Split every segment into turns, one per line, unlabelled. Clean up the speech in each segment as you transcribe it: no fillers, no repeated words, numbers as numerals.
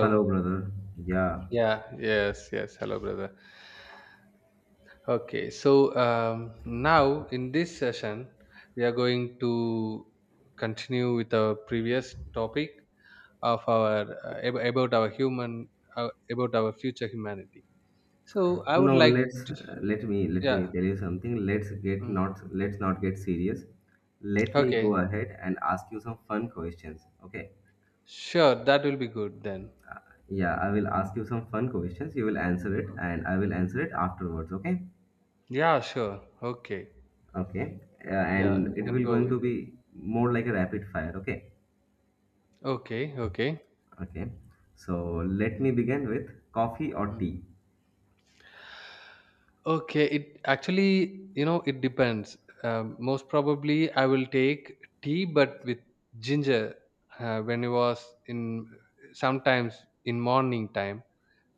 Hello, brother. Yeah.
Yeah, yes, yes. Hello, brother. Okay, so now in this session, we are going to continue with our previous topic of our about our human about our future humanity. So I would
No,
like
let's
to,
let me let
yeah.
me tell you something. Let's get
mm,
not let's not get serious. Let me
Okay,
go ahead and ask you some fun questions. Okay.
sure. That will be good then.
Yeah, I will ask you some fun questions. You will answer it, and I will answer it afterwards. Okay.
Yeah, sure. Okay.
Okay.
Yeah, you
And it
can
will
go
going to
with it.
be more like a rapid fire. Okay.
Okay, okay.
Okay. So let me begin with coffee or
Mm.
tea.
Okay, it actually, you know, it depends. Most probably, I will take tea, but with ginger. When it was in sometimes in morning time,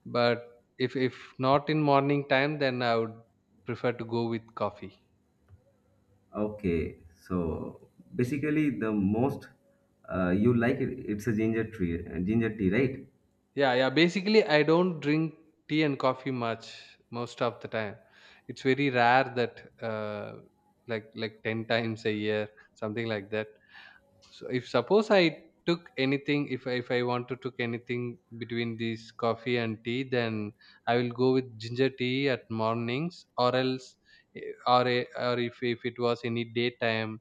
but if not in morning time, then I would prefer to go with coffee.
Okay, so basically the most you like it, it's a ginger tree, ginger tea, right?
Yeah, yeah. Basically, I don't drink tea and coffee much most of the time. It's very rare that like ten times a year, something like that. So if suppose I took anything, if I want to took anything between these coffee and tea, then I will go with ginger tea at mornings, or else, eh, or a, or if it was any daytime,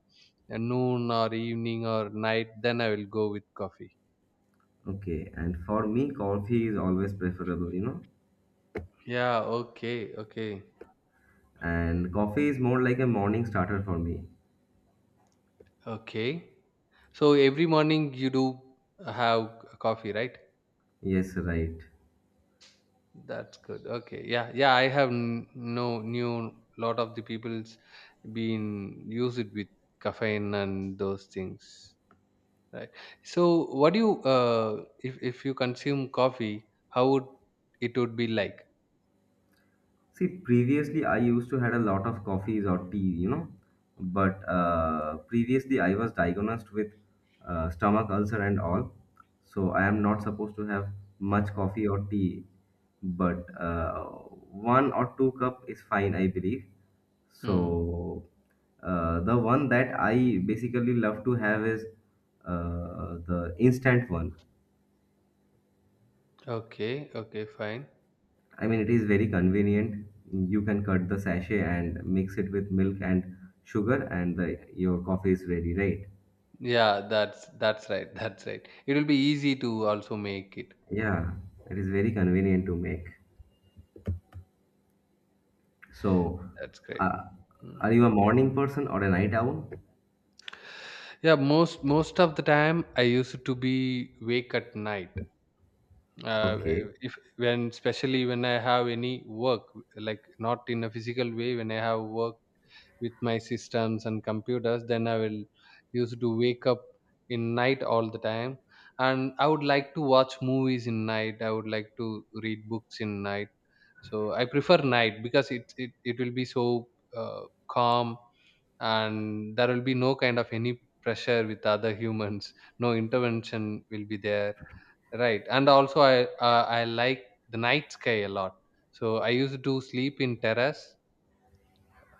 noon or evening or night, then I will go with coffee.
Okay, and for me, coffee is always preferable.
Yeah. Okay. Okay.
And coffee is more like a morning starter for me.
Okay. So every morning you do have coffee, right?
Yes, right.
That's good. Okay. Yeah. Yeah. I have no new lot of the people's been use it with caffeine and those things. Right. So what do you if you consume coffee, how would it would be like?
See, previously I used to had a lot of coffees or tea, but previously I was diagnosed with stomach ulcer and all, so I am not supposed to have much coffee or tea, but one or two cup is fine, I believe.
Hmm.
So the one that I basically love to have is the instant one.
Okay. Okay. Fine.
I mean, it is very convenient. You can cut the sachet and mix it with milk and sugar, and your coffee is ready, right?
Yeah. That's right. That's right. It will be easy to also make it.
Yeah, it is very convenient to make. So,
That's great.
uh,
Hmm.
are you a morning person or a night owl?
Yeah. Most of the time, I used to be wake at night uh,
Okay.
if when especially when I have any work, like not in a physical way, when I have work with my systems and computers, then I will used to wake up in night all the time. And I would like to watch movies in night, I would like to read books in night. So I prefer night because it will be so uh, calm, and there will be no kind of any pressure with other humans. No intervention will be there. Right, and also I like the night sky a lot. So I used to sleep in terrace.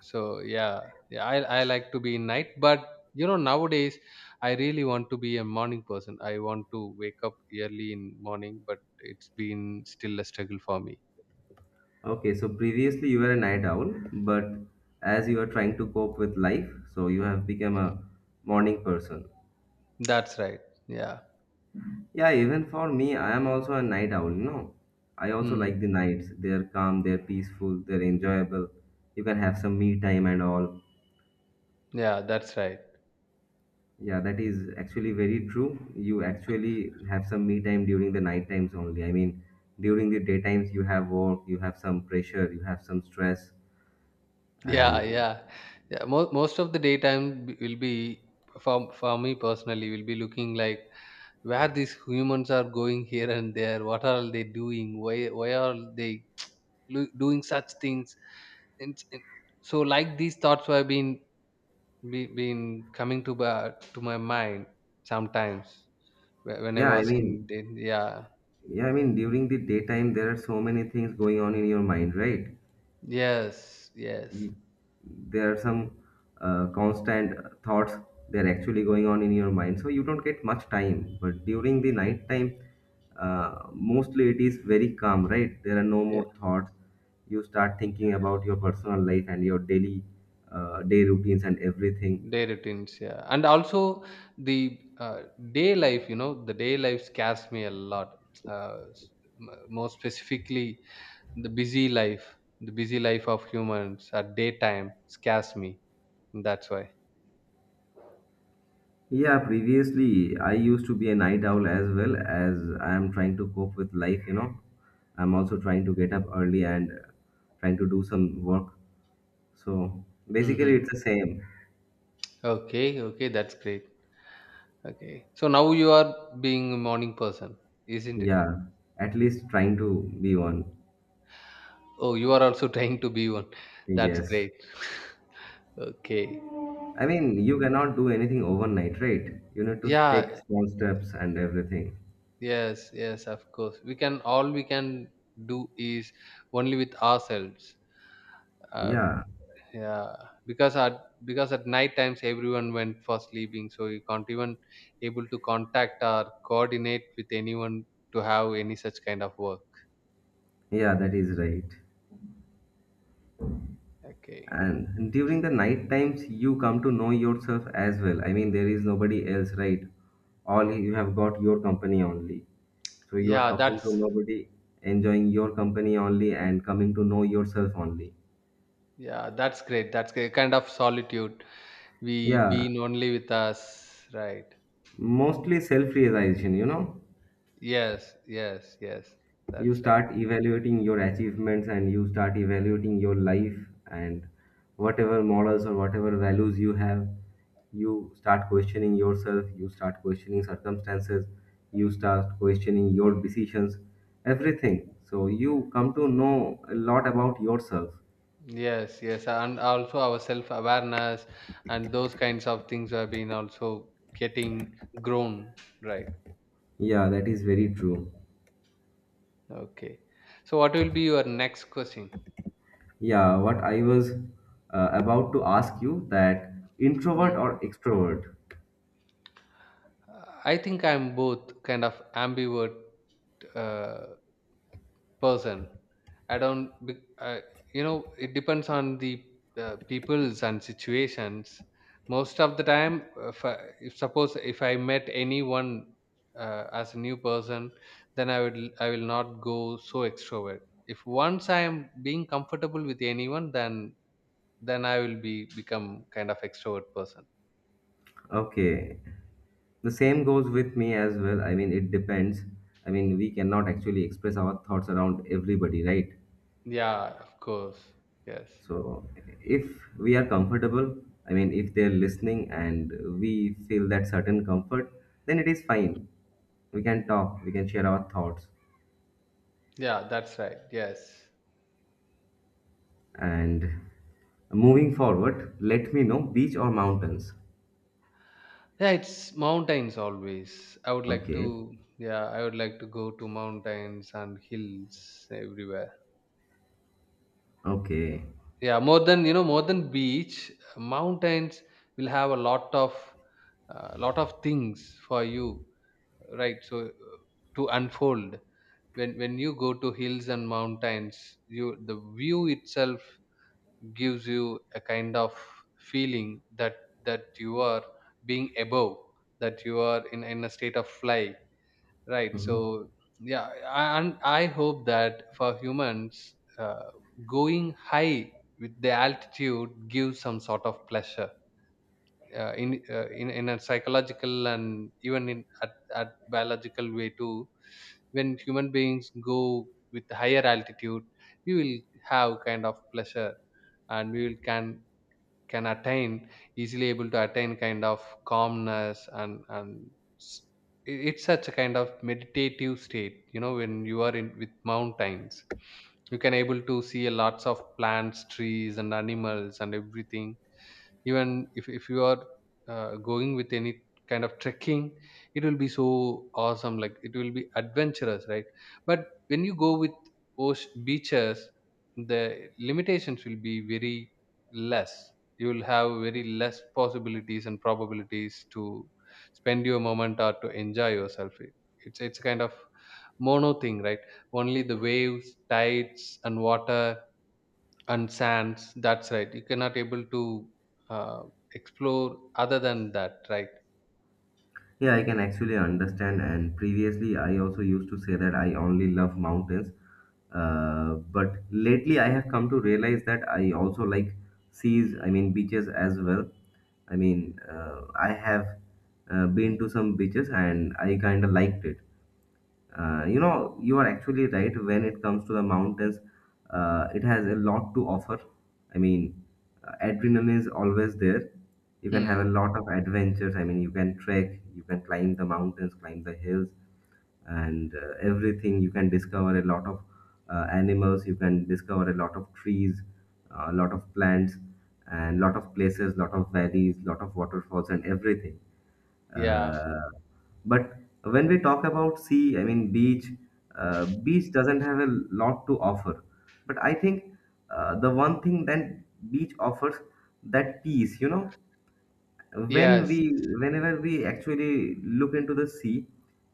So yeah, yeah, I like to be in night, but you know nowadays I really want to be a morning person. I want to wake up early in morning, but it's been still a struggle for me.
Okay, so previously you were a night owl, but as you are trying to cope with life, so you have become a morning person.
That's right. Yeah.
Yeah, even for me, I am also a night owl. I also
Hmm.
like the nights. They're calm, they're peaceful, they're enjoyable. You can have some me time and all.
Yeah, that's right.
Yeah, that is actually very true. You actually have some me time during the night times only. I mean, during the day times, you have work, you have some pressure, you have some stress.
Yeah,
And
yeah, yeah. Most of the daytime will be for me personally will be looking like where these humans are going here and there, what are they doing, why are they doing such things. And so like these thoughts have been been coming to my mind sometimes when I
yeah, I
was
mean,
in the. Yeah.
yeah, I mean, during the daytime, there are so many things going on in your mind, right?
Yes, yes.
y- there are some constant thoughts. They're actually going on in your mind, so you don't get much time. But during the night time, mostly it is very calm, right? There are no
Yeah,
more thoughts. You start thinking about your personal life and your daily day routines and everything.
day routines, yeah, and also the uh, day life, you know, the day life scares me a lot. uh, s- More specifically, the busy life, the busy life of humans at daytime scares me, that's why.
Yeah, previously I used to be a night owl as well. As I am trying to cope with life, I'm also trying to get up early and trying to do some work. So basically,
Hmm.
it's the same.
Okay, okay, that's great. Okay, so now you are being a morning person, isn't it?
Yeah, at least trying to be one.
Oh, you are also trying to be one. That's
Yes.
great. Okay.
I mean, you cannot do anything overnight, right? You need to take
Yeah.
small steps and everything.
Yes, yes, of course. We can all we can do is only with ourselves. Uh,
Yeah,
yeah, because at, because at night times everyone went for sleeping, so you can't even able to contact or coordinate with anyone to have any such kind of work.
yeah, that is right.
Okay.
And during the night times, you come to know yourself as well. I mean, there is nobody else, right? All you have got your company only. So you are
Yeah,
talking to
that's
nobody, enjoying your company only, and coming to know yourself only.
yeah, that's great. That's great. Kind of solitude. We
Yeah,
being only with us, right?
mostly self realization.
Yes, yes, yes.
You
That's right.
start evaluating your achievements and you start evaluating your life, and whatever morals or whatever values you have, you start questioning yourself, you start questioning circumstances, you start questioning your decisions, everything. So you come to know a lot about yourself.
Yes, yes, and also our self awareness and those kinds of things have been also getting grown, right?
Yeah, that is very true.
Okay. So, what will be your next question?
Yeah, what I was about to ask you that: introvert
Mm.
or extrovert?
I think I'm both, kind of ambivert uh, person. I don't be- I, you know, it depends on the peoples and situations. Most of the time if suppose if I met anyone as a new person, then I will not go so extrovert. If once I am being comfortable with anyone, then I will be become kind of extrovert person.
Okay. The same goes with me as well. I mean, it depends. I mean, we cannot actually express our thoughts around everybody, right?
Yeah, of course, yes.
So, if we are comfortable, I mean, if they're listening and we feel that certain comfort, then it is
Mm.
fine. We can talk, we can share our thoughts.
Yeah, that's right, yes.
And moving forward, let me know: beach or mountains?
Yeah, it's mountains always. I would like
Okay.
to, yeah, I would like to go to mountains and hills everywhere.
Okay.
Yeah, more than, you know, more than beach, mountains will have a lot of things for you, right? So to unfold when you go to hills and mountains, you, the view itself gives you a kind of feeling that you are being above, that you are in a state of flight, right?
Mhm.
So yeah, and I hope that for humans, going high with the altitude gives some sort of pleasure, in a psychological, and even at biological way too. When human beings go with higher altitude, we will have kind of pleasure, and we will can attain easily able to attain kind of calmness. And s- it- it's such a kind of meditative state, you know. When you are in with mountains, you can able to see a lots of plants, trees and animals and everything. Even if you are going with any kind of trekking, it will be so awesome, like it will be adventurous, right? But when you go with ocean beaches, the limitations will be very less. You will have very less possibilities and probabilities to spend your moment or to enjoy yourself. It's kind of mono thing, right? Only the waves, tides and water and sands. That's right, you cannot able to uh, explore other than that, right?
Yeah, I can actually understand. And previously, I also used to say that I only love mountains. But lately, I have come to realize that I also like seas, I mean, beaches as well. I mean, I have been to some beaches and I kind of liked it. You are actually right when it comes to the mountains. It has a lot to offer. I mean, adrenaline is always there. You can have
Hmm.
a lot of adventures. I mean, you can trek, you can climb the mountains, climb the hills, and everything. You can discover a lot of animals. You can discover a lot of trees, a lot of plants, and lot of places, lot of valleys, lot of waterfalls, and everything.
Yeah,
Uh, but when we talk about sea, I mean beach, beach doesn't have a lot to offer. But I think the one thing that beach offers that peace, when
yes.
we whenever we actually look into the sea,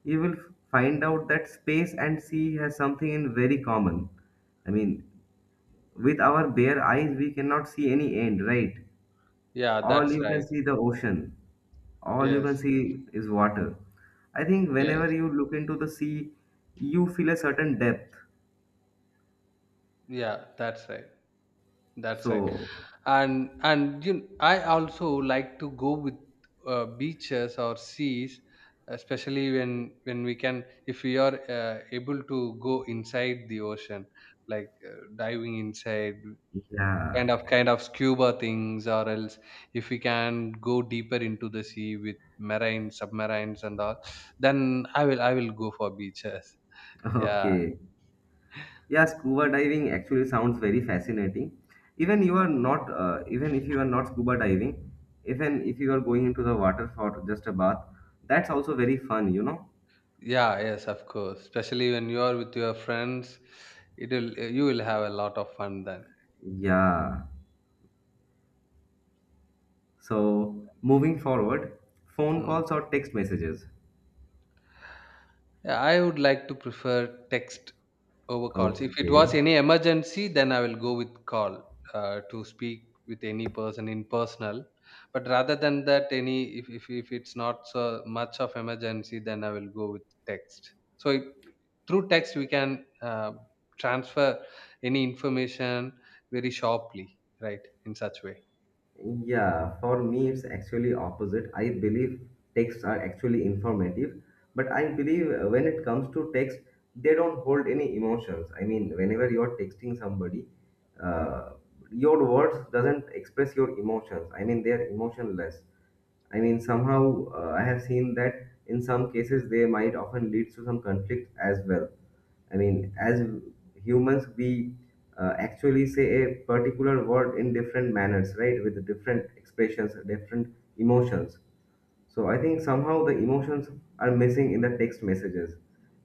you will find out that space and sea has something in very common. I mean, with our bare eyes, we cannot see any end, right?
Yeah,
All
that's
you can
right.
see the ocean, all you
Yes,
can see is water. I think
yes.
whenever you look into the sea, you feel a certain depth.
Yeah, that's right, that's right.
So
And you I also like to go with beaches or seas, especially when we can, if we are able to go inside the ocean, like diving inside, kind
yeah.
of kind of scuba things, or else if we can go deeper into the sea with marine submarines and all, then I will go for beaches. Yeah.
Okay. Yeah, scuba diving actually sounds very fascinating. Even if you are not scuba diving, even if you are going into the water for just a bath, that's also very fun.
Yeah, yes, of course. Especially when you are with your friends, it will, you will have a lot of fun then.
Yeah, so moving forward, phone
Hmm.
calls or text messages?
Yeah, I would like to prefer text over calls. If it
Okay.
was any emergency, then I will go with call to speak with any person in personal. But rather than that, any if it's not so much of emergency, then I will go with text. Through text, we can transfer any information very sharply, right? In such way.
Yeah, for me it's actually opposite. I believe texts are actually informative, but I believe when it comes to text, they don't hold any emotions. I mean, whenever you're texting somebody, uh, your words doesn't express your emotions. I mean, they're emotionless. I mean, somehow I have seen that in some cases they might often lead to some conflict as well. I mean, as humans, we actually say a particular word in different manners, right? With different expressions, different emotions. So I think somehow the emotions are missing in the text messages.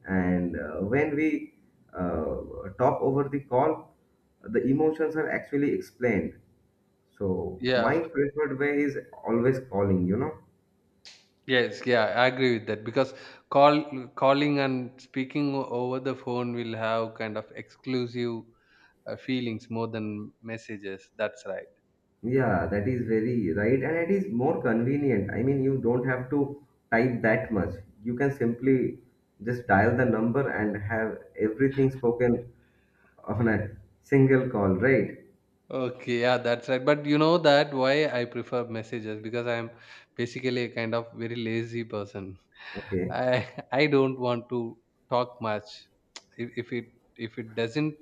And when we uh, talk over the call, the emotions are actually explained. So my
Yeah,
preferred way is always calling.
yes, yeah, I agree with that, because calling and speaking over the phone will have kind of exclusive feelings more than messages. That's right.
Yeah, that is very right. And it is more convenient. I mean, you don't have to type that much. You can simply just dial the number and have everything spoken on a single call, right?
Okay, yeah, that's right. But you know that why I prefer messages, because I am basically a kind of very lazy person.
Okay.
I don't want to talk much. If it, if it doesn't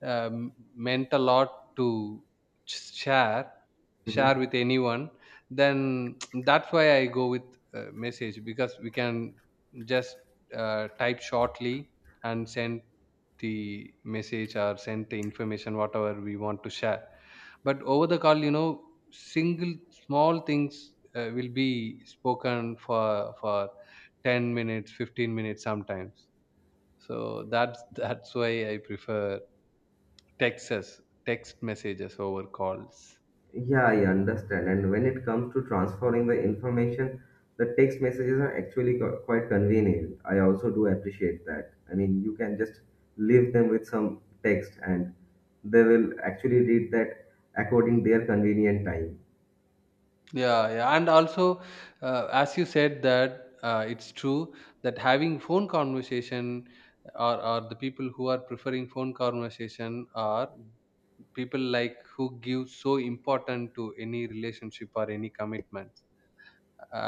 meant a lot to ch- share
Hmm.
share with anyone, then that's why I go with message, because we can just type shortly and send the message, or send the information whatever we want to share. But over the call, you know, single small things will be spoken for 10 minutes, 15 minutes sometimes. So that's that's why I prefer texts, text messages over calls.
Yeah, I understand. And when it comes to transferring the information, the text messages are actually quite convenient. I also do appreciate that. I mean, you can just leave them with some text and they will actually read that according their convenient time.
Yeah, yeah. And also, as you said that, it's true that having phone conversation, or the people who are preferring phone conversation are people like who give so important to any relationship or any commitment.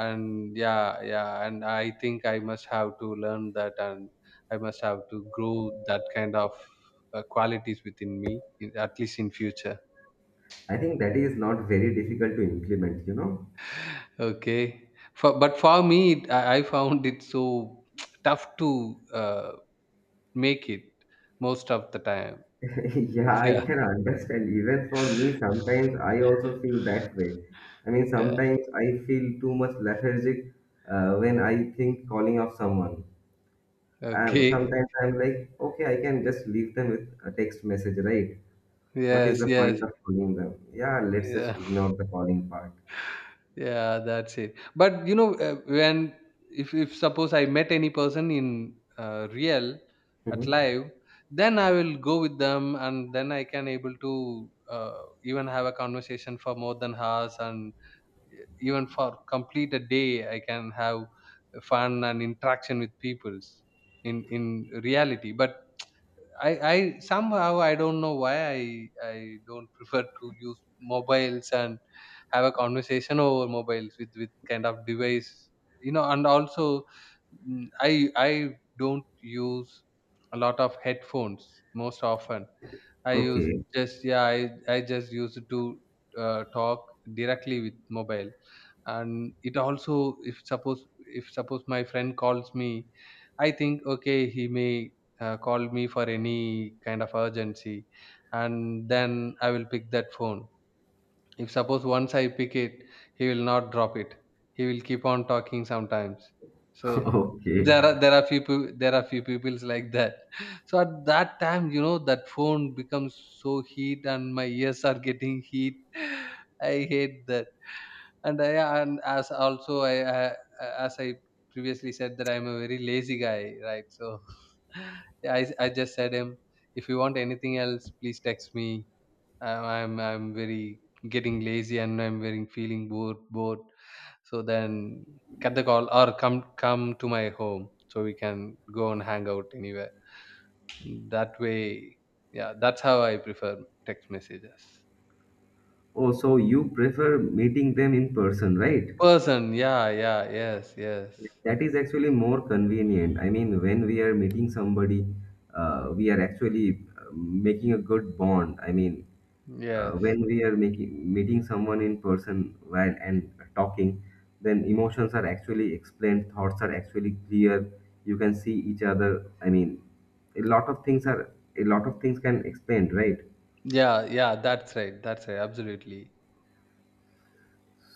And yeah, yeah, and I think I must have to learn that, and I must have to grow that kind of qualities within me, in, at least in future.
I think that is not very difficult to implement, you know?
Okay, but for me it, I found it so tough to make it most of the time.
Yeah, I
Yeah,
can understand. Even for me, sometimes I also feel that way. I mean,
yeah.
sometimes I feel too much lethargic when I think calling of someone. And
Okay.
sometimes I'm like, okay, I can just leave them with a text message, right? What is
Yes,
the
yes,
point of calling them? Yeah, let's just
yeah.
ignore the calling part.
Yeah, that's it. But you know, when, if suppose I met any person in real at
Mhm.
live, then I will go with them, and then I can able to even have a conversation for more than hours, and even for complete a day, I can have fun and interaction with peoples in reality. But I somehow I don't know why I don't prefer to use mobiles and have a conversation over mobiles with kind of device. And also I don't use a lot of headphones. Most often I used
Okay,
just yeah, I just used to talk directly with mobile. And it also if suppose my friend calls me, I think okay he may call me for any kind of urgency, and then I will pick that phone. If suppose once I pick it, he will not drop it. He will keep on talking sometimes. So
okay.
there are few peoples like that. So at that time, you know, that phone becomes so heat and my ears are getting heat. I hate that. And I and as also I previously said that I'm a very lazy guy, right? So yeah, I just said him, if you want anything else, please text me. I'm very getting lazy and I'm very feeling bored, bored. So then cut the call or come to my home so we can go and hang out anywhere. That way, yeah, that's how I prefer text messages.
Oh, so you prefer meeting them in person, right?
Person, yeah, yeah, yes, yes,
That is actually more convenient. I mean, when we are meeting somebody, we are actually making a good bond. I mean,
yes.
when we are making meeting someone in person while and talking, then emotions are actually explained, thoughts are actually clear. You can see each other, I mean, a lot of things are a lot of things can explain, right?
Yeah, yeah, that's right. That's right. Absolutely.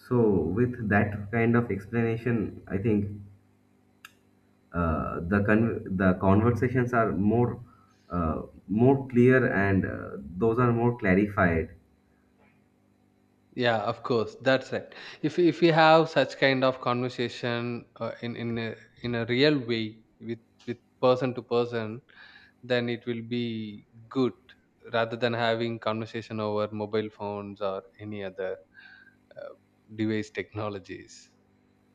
So with that kind of explanation, I think the conversations are uh, more clear, and those are more clarified.
Yeah, of course, that's right. If we have such kind of conversation in a real way with person to person, then it will be good rather than having conversation over mobile phones or any other uh, device technologies.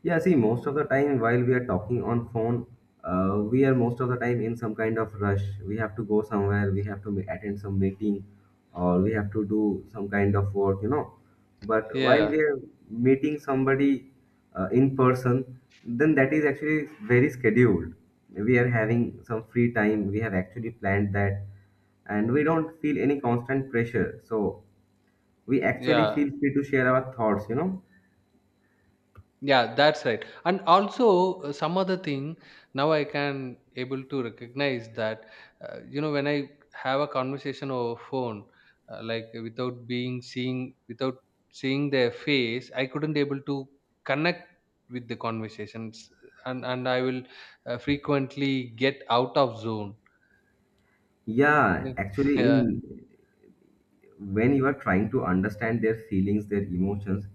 Yeah, see, most of the time while we are talking on phone, we are most of the time in some kind of rush. We have to go somewhere, we have to attend some meeting, or we have to do some kind of work. But while
Yeah,
we are meeting somebody in person, then that is actually very scheduled. We are having some free time, we have actually planned that, and we don't feel any constant pressure. So we actually
yeah.
feel free to share our thoughts.
Yeah, that's right. And also some other thing, now I can able to recognize that you know, when I have a conversation over phone like without seeing their face, I couldn't able to connect with the conversations. And I will frequently get out of zone.
Yeah,
Yeah,
actually,
yeah,
in when you are trying to understand their feelings, their emotions,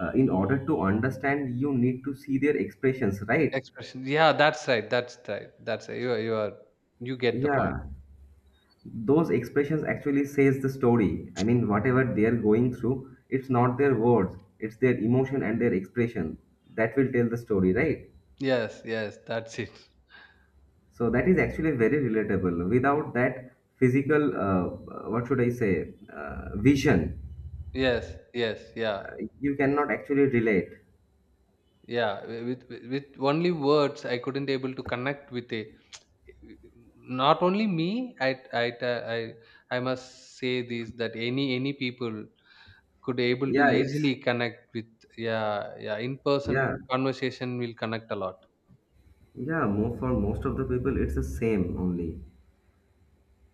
in order to understand, you need to see their expressions, right?
expression. Yeah, that's right. That's right. That's right. You are you get the point.
Yeah, those expressions actually says the story. I mean, whatever they are going through, it's not their words, it's their emotion and their expression that will tell the story, right?
Yes, yes, that's it.
So that is actually very relatable. Without that physical, what should I say, vision,
Yes, yes, yeah.
uh, you cannot actually relate.
Yeah, with only words I couldn't able to connect with it. Not only me I i i, I must say this that any people could able to
yeah it's
easily connect with. Yeah, yeah, in person
yeah.
conversation will connect a lot.
Yeah, mo for most of the people, it's the same only.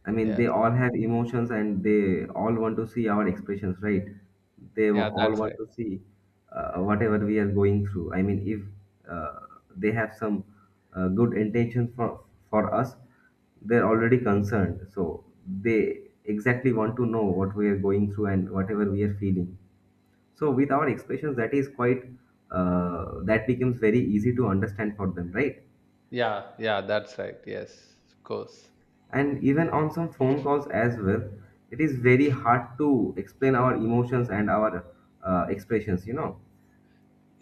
I mean,
Yes,
they all have emotions and they all want to see our expressions, right? They
yeah,
all
that's right.
want to see whatever we are going through. I mean, if they have some good intention for us, they're already concerned. So they exactly want to know what we are going through and whatever we are feeling. So with our expressions, that is quite that becomes very easy to understand for them, right?
Yeah, yeah, that's right, yes, of course.
And even on some phone calls as well, it is very hard to explain our emotions and our expressions.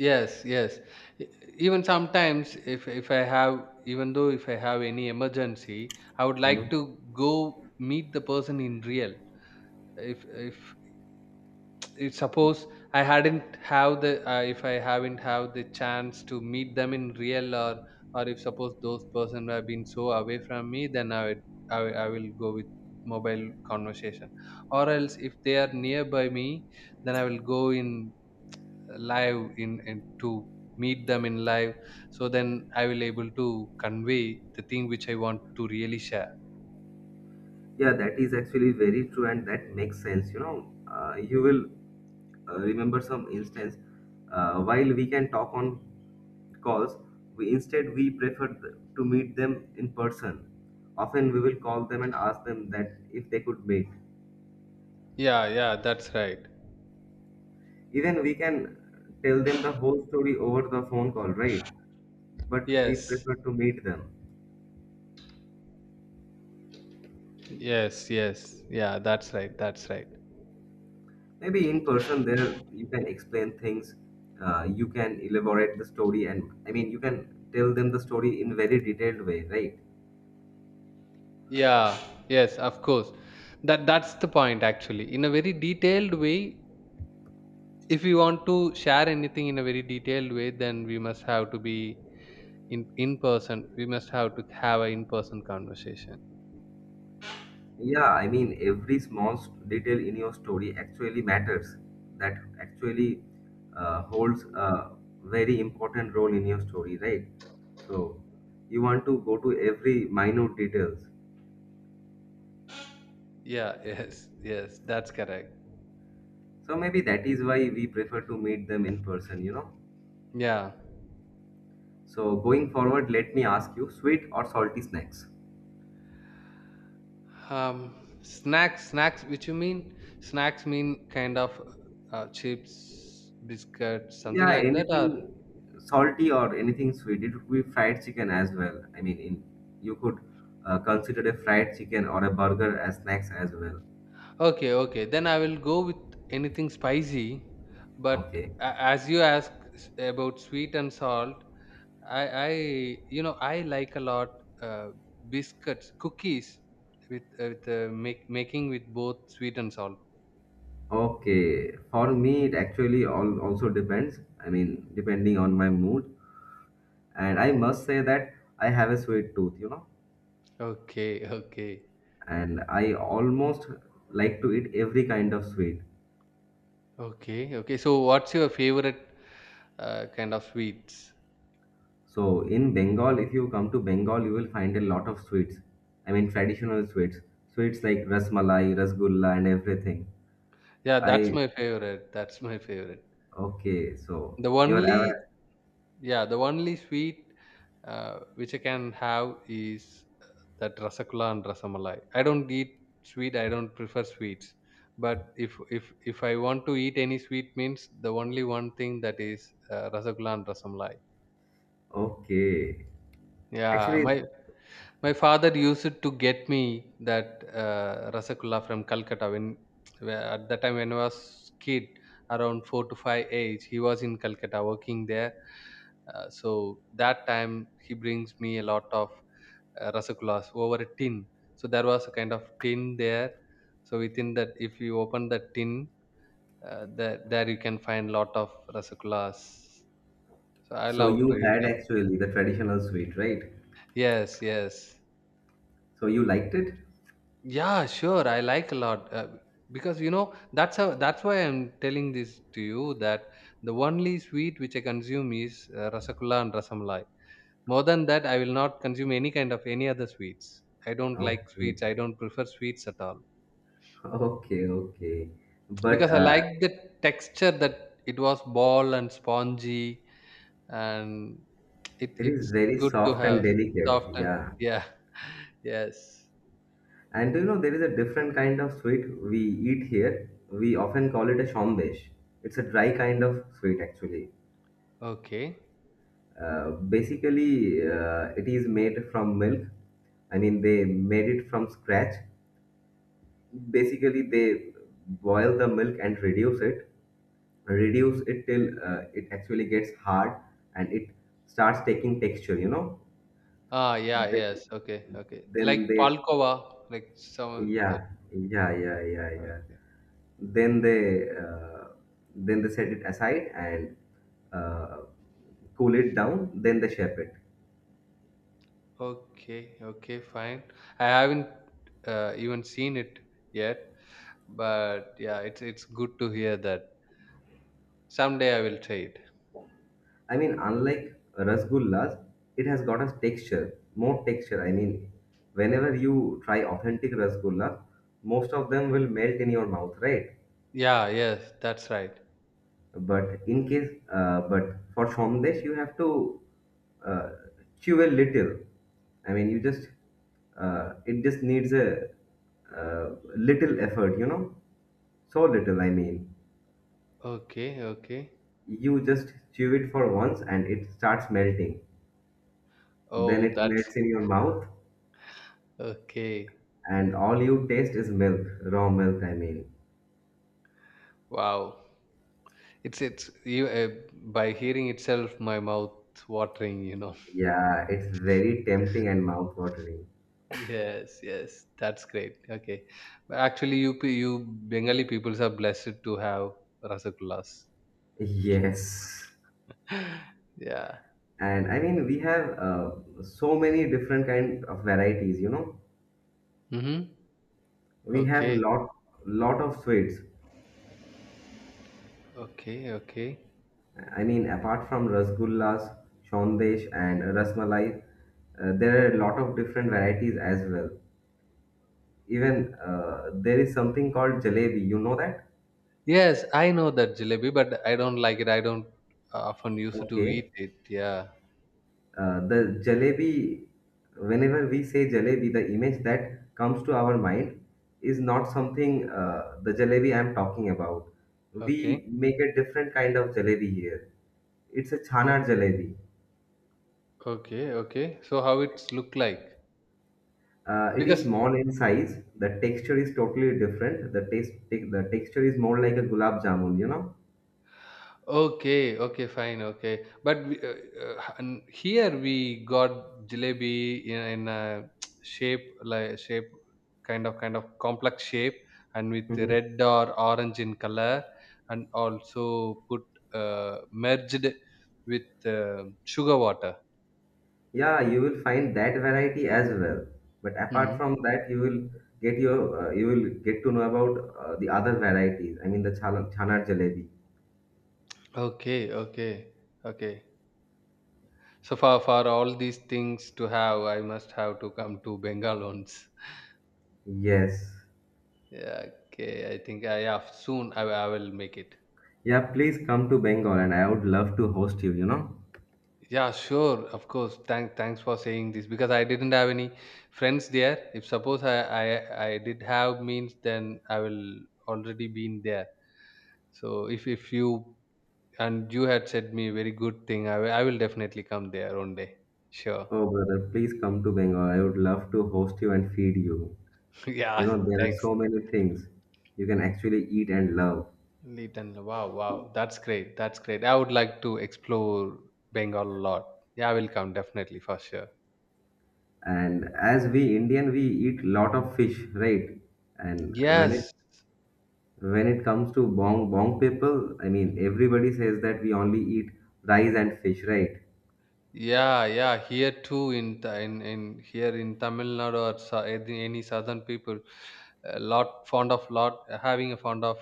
Yes, yes. E- even sometimes if I have even though if I have any emergency, I would like
Hmm,
to go meet the person in real. if if if suppose I hadn't have the if I haven't have the chance to meet them in real, or if suppose those person have been so away from me, then I would I will go with mobile conversation. Or else if they are nearby me, then I will go in live, in to meet them in live. So then I will able to convey the thing which I want to really share.
yeah, that is actually very true and that makes sense, you will remember some instance while we can talk on calls, we instead we prefer to meet them in person. Often we will call them and ask them that if they could make.
Yeah, yeah, that's right,
Even we can tell them the whole story over the phone call, right? But we
yes,
prefer to meet them.
yes, yes. Yeah, that's right, that's right.
Maybe in person, there you can explain things, you can elaborate the story, and I mean, you can tell them the story in very detailed way, right?
Yeah, yes, of course. That that's the point, actually, in a very detailed way. If we want to share anything in a very detailed way, then we must have to be in person. We must have to have an in person conversation.
Yeah, I mean, every small detail in your story actually matters. That actually holds a very important role in your story, right? So you want to go to every minute details.
Yeah, yes, yes, that's correct.
So maybe that is why we prefer to meet them in person, you know.
Yeah.
So going forward, let me ask you, sweet or salty snacks?
um Snacks, which you mean? Snacks mean kind of chips, biscuits, something
Yeah,
like that, or?
anything salty or anything sweet. It could be fried chicken as well. I mean, in, you could consider a fried chicken or a burger as snacks as well.
Okay, okay. Then I will go with anything spicy. But
Okay.
a- as you ask s- about sweet and salt, I, you know, I like a lot uh, biscuits, cookies, with making with both sweet and salt.
Okay. For me, it actually all also depends. I mean, depending on my mood. And I must say that I have a sweet tooth, you know,
Okay, okay,
and I almost like to eat every kind of sweet.
okay, okay. So what's your favorite kind of sweets?
So in Bengal, if you come to Bengal, you will find a lot of sweets. I mean, traditional sweets, sweets like rasmalai, rasgulla, and everything.
Yeah, that's
I
my favorite. That's my favorite.
Okay. So
The
you are
only,
aware.
yeah, the only sweet which I can have is that Rasagula and Rasamalai. I don't eat sweet. I don't prefer sweets. But if I want to eat any sweet, means the only one thing, that is Rasagula and Rasamalai.
Okay,
Yeah,
actually,
my father used to get me that Rasagulla from Calcutta when at that time when I was kid, around four to five age. He was in Calcutta working there, so that time he brings me a lot of rasagulas over a tin. So there was a kind of tin there. So within that, if you open the tin, there you can find lot of rasagulas. So I
so
love to
you
eat
had
it.
actually the traditional sweet, right?
Yes, yes.
So you liked it?
Yeah, sure, I like a lot. Because you know, that's how, that's why I'm telling this to you that the only sweet which I consume is rasagulla and rasamalai. More than that, I will not consume any kind of any other sweets. I don't like
Okay,
sweets. I don't prefer sweets at all.
okay, okay. But
Because I like the texture, that it was ball and spongy, and it
it is
it's
very
good to
soft and
have.
delicate.
Soft and
Yeah.
yeah. Yes.
And you know, there is a different kind of sweet we eat here. We often call it a shomdesh. It's a dry kind of sweet, actually.
Okay.
Basically, it is made from milk. I mean, they made it from scratch. Basically, they boil the milk and reduce it till it actually gets hard and it starts taking texture, you know.
Ah, yeah,
Then,
yes. Okay, okay. Like
then they.
Palkova, like some that.
Yeah, yeah, yeah, yeah, yeah.
Okay.
Then they uh, then they set it aside and uh, cool it down. Then they shape it.
Okay, okay, fine. I haven't even seen it yet, but yeah, it's good to hear that. Someday I will try it.
I mean, unlike rasgullas, it has got a texture, more texture. I mean, whenever you try authentic rasgulla, most of them will melt in your mouth, right?
Yeah, yes, that's right.
But in case, but for Somdesh, you have to uh, chew a little. I mean, you just, it just needs a little effort, you know? So little, I mean.
Okay, okay.
You just chew it for once and it starts melting. Then
Oh,
it
that's
melts in your mouth,
okay.
and all you taste is milk, raw milk, I mean.
Wow. It's you by hearing itself my mouth watering, you know.
Yeah, it's very tempting and mouth-watering.
Yes, yes. That's great. Okay. But actually you pe- you Bengali peoples are blessed to have rasagullas.
Yes.
Yeah.
And I mean, we have so many different kind of varieties, you know.
Mhm.
We have
Okay.
lot of sweets.
Okay, okay.
I mean, apart from rasgullas, shondesh, and rasmalai, there are a lot of different varieties as well. Even there is something called jalebi. You know that?
Yes, I know that jalebi, but I don't like it. I don't often used to
Okay.
eat it. Yeah.
The jalebi, whenever we say jalebi, the image that comes to our mind is not something the jalebi I'm talking about.
Okay.
We make a different kind of jalebi here. It's a chana jalebi.
Okay, okay. So how it's look like?
It is
Because
small in size. The texture is totally different. The taste, the texture is more like a gulab jamun, you know.
okay, okay, fine, okay. But we, and here we got jalebi, in a shape, like shape, kind of complex shape, and with red or orange in color, and also put merged with sugar water.
Yeah, you will find that variety as well. But apart
Hmm.
from that, you will get your you will get to know about the other varieties. I mean, the chana jalebi.
Okay, okay, okay. So for all these things to have, I must have to come to Bengal once.
Yes.
Yeah, okay, I think I have soon. I will make it.
Yeah, please come to Bengal, and I would love to host you. You know.
Yeah, sure. Of course. Thanks for saying this, because I didn't have any friends there. If suppose I did have means, then I will already been there. So if you and you had said me very good thing, I will definitely come there one day. Sure.
Oh brother, please come to Bengal. I would love to host you and feed you. You
Yeah.
know, there are
Thanks.
so many things you can actually eat and love.
Leeton. Wow. Wow. That's great. That's great. I would like to explore Bengal a lot. Yeah, I will come definitely for sure.
And as we Indian, we eat lot of fish, right? And
Yes.
when it comes to Bong people, I mean everybody says that we only eat rice and fish, right?
Yeah, yeah. Here too, in in here in Tamil Nadu or sa- any southern people, a lot fond of lot having a fond of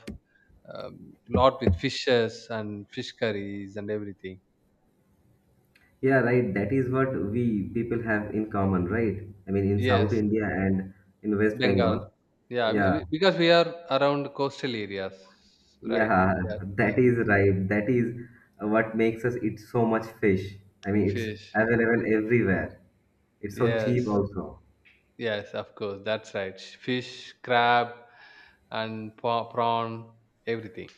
lot with fishes and fish curries and everything.
Yeah, right. That is what we people have in common, right? I mean in South
Yes,
India and in West
Bengal.
Bengal.
Yeah,
Yeah,
we, because we are around coastal areas, right?
yeah,
Yeah,
that
yeah.
is right. That is what makes us eat so much fish. I mean it's
Fish. Yeah.
available everywhere. It's so cheap
Yes,
also.
yes. Of course, that's right. Fish, crab, and pa- prawn, everything.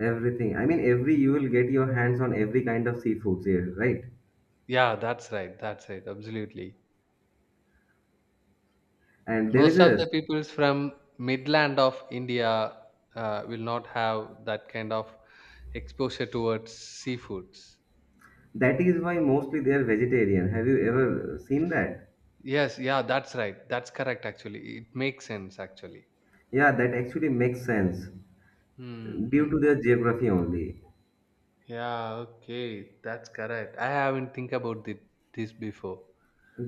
Everything. I mean every you will get your hands on every kind of seafoods here, right?
Yeah, that's right. That's right. Absolutely.
And there is
Most of the
a.
peoples from midland of India will not have that kind of exposure towards seafoods.
That is why mostly they are vegetarian. Have you ever seen that?
Yes, yeah, that's right, that's correct. Actually it makes sense, actually.
Yeah, that actually makes sense due
Hmm.
to their geography only.
Yeah, okay, that's correct. I haven't think about thi- this before.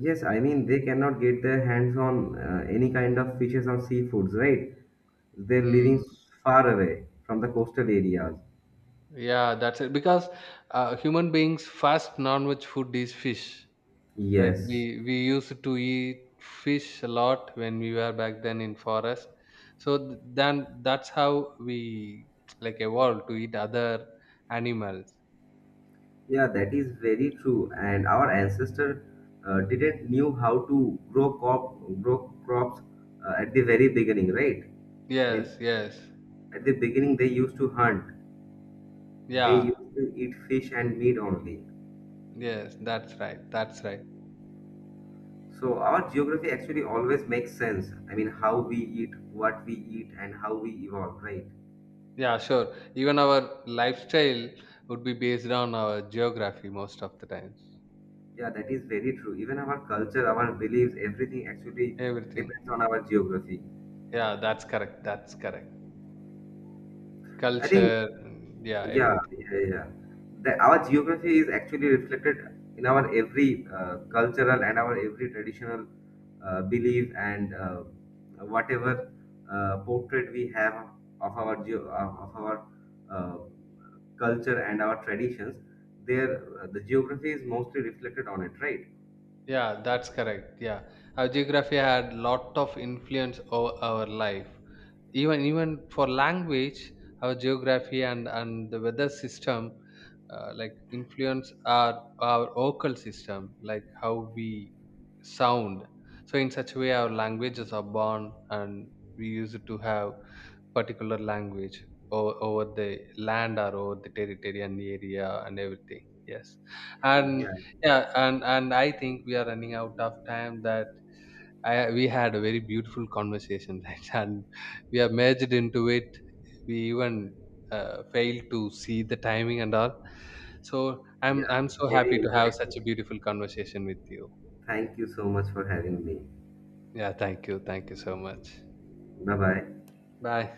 Yes, I mean they cannot get their hands on any kind of fishes or seafoods, right? They're
Hmm.
living far away from the coastal areas.
Yeah, that's it. Because human beings' first non-veg food is fish. Right,
Yes.
we used to eat fish a lot when we were back then in forest. So then that's how we like evolved to eat other animals.
Yeah, that is very true. And our ancestor didn't knew how to grow crop, grow crops at the very beginning, right? I
Yes,
mean,
yes,
at the beginning they used to hunt. They
yeah,
used to eat fish and meat only.
yes, that's right, that's right.
So our geography actually always makes sense. I mean, how we eat, what we eat, and how we evolve, right?
Yeah, sure. Even our lifestyle would be based on our geography most of the times.
Yeah, that is very true. Even our culture, our beliefs, everything actually
Everything.
depends on our geography.
Yeah, that's correct, that's correct.
I think.
Culture, yeah,
Yeah,
everything.
yeah, yeah. Our geography is actually reflected in our every cultural and our every traditional belief and whatever portrait we have of our geo of our uh, culture and our traditions. There, the geography is mostly reflected on it, right?
Yeah, that's correct. Yeah, our geography had lot of influence over our life. Even for language, our geography and the weather system, like influence our vocal system, like how we sound. So in such a way, our languages are born, and we use it to have particular language over the land or over the territory and the area and everything. Yes. And
Yeah,
yeah, and I think we are running out of time. That I, we had a very beautiful conversation, right? And we have merged into it. We even failed to see the timing and all. So I'm
yeah,
so
very
happy to have such
interactive.
a beautiful conversation with you.
Thank you so much for having me.
Yeah, thank you, thank you so much.
Bye bye.
Bye.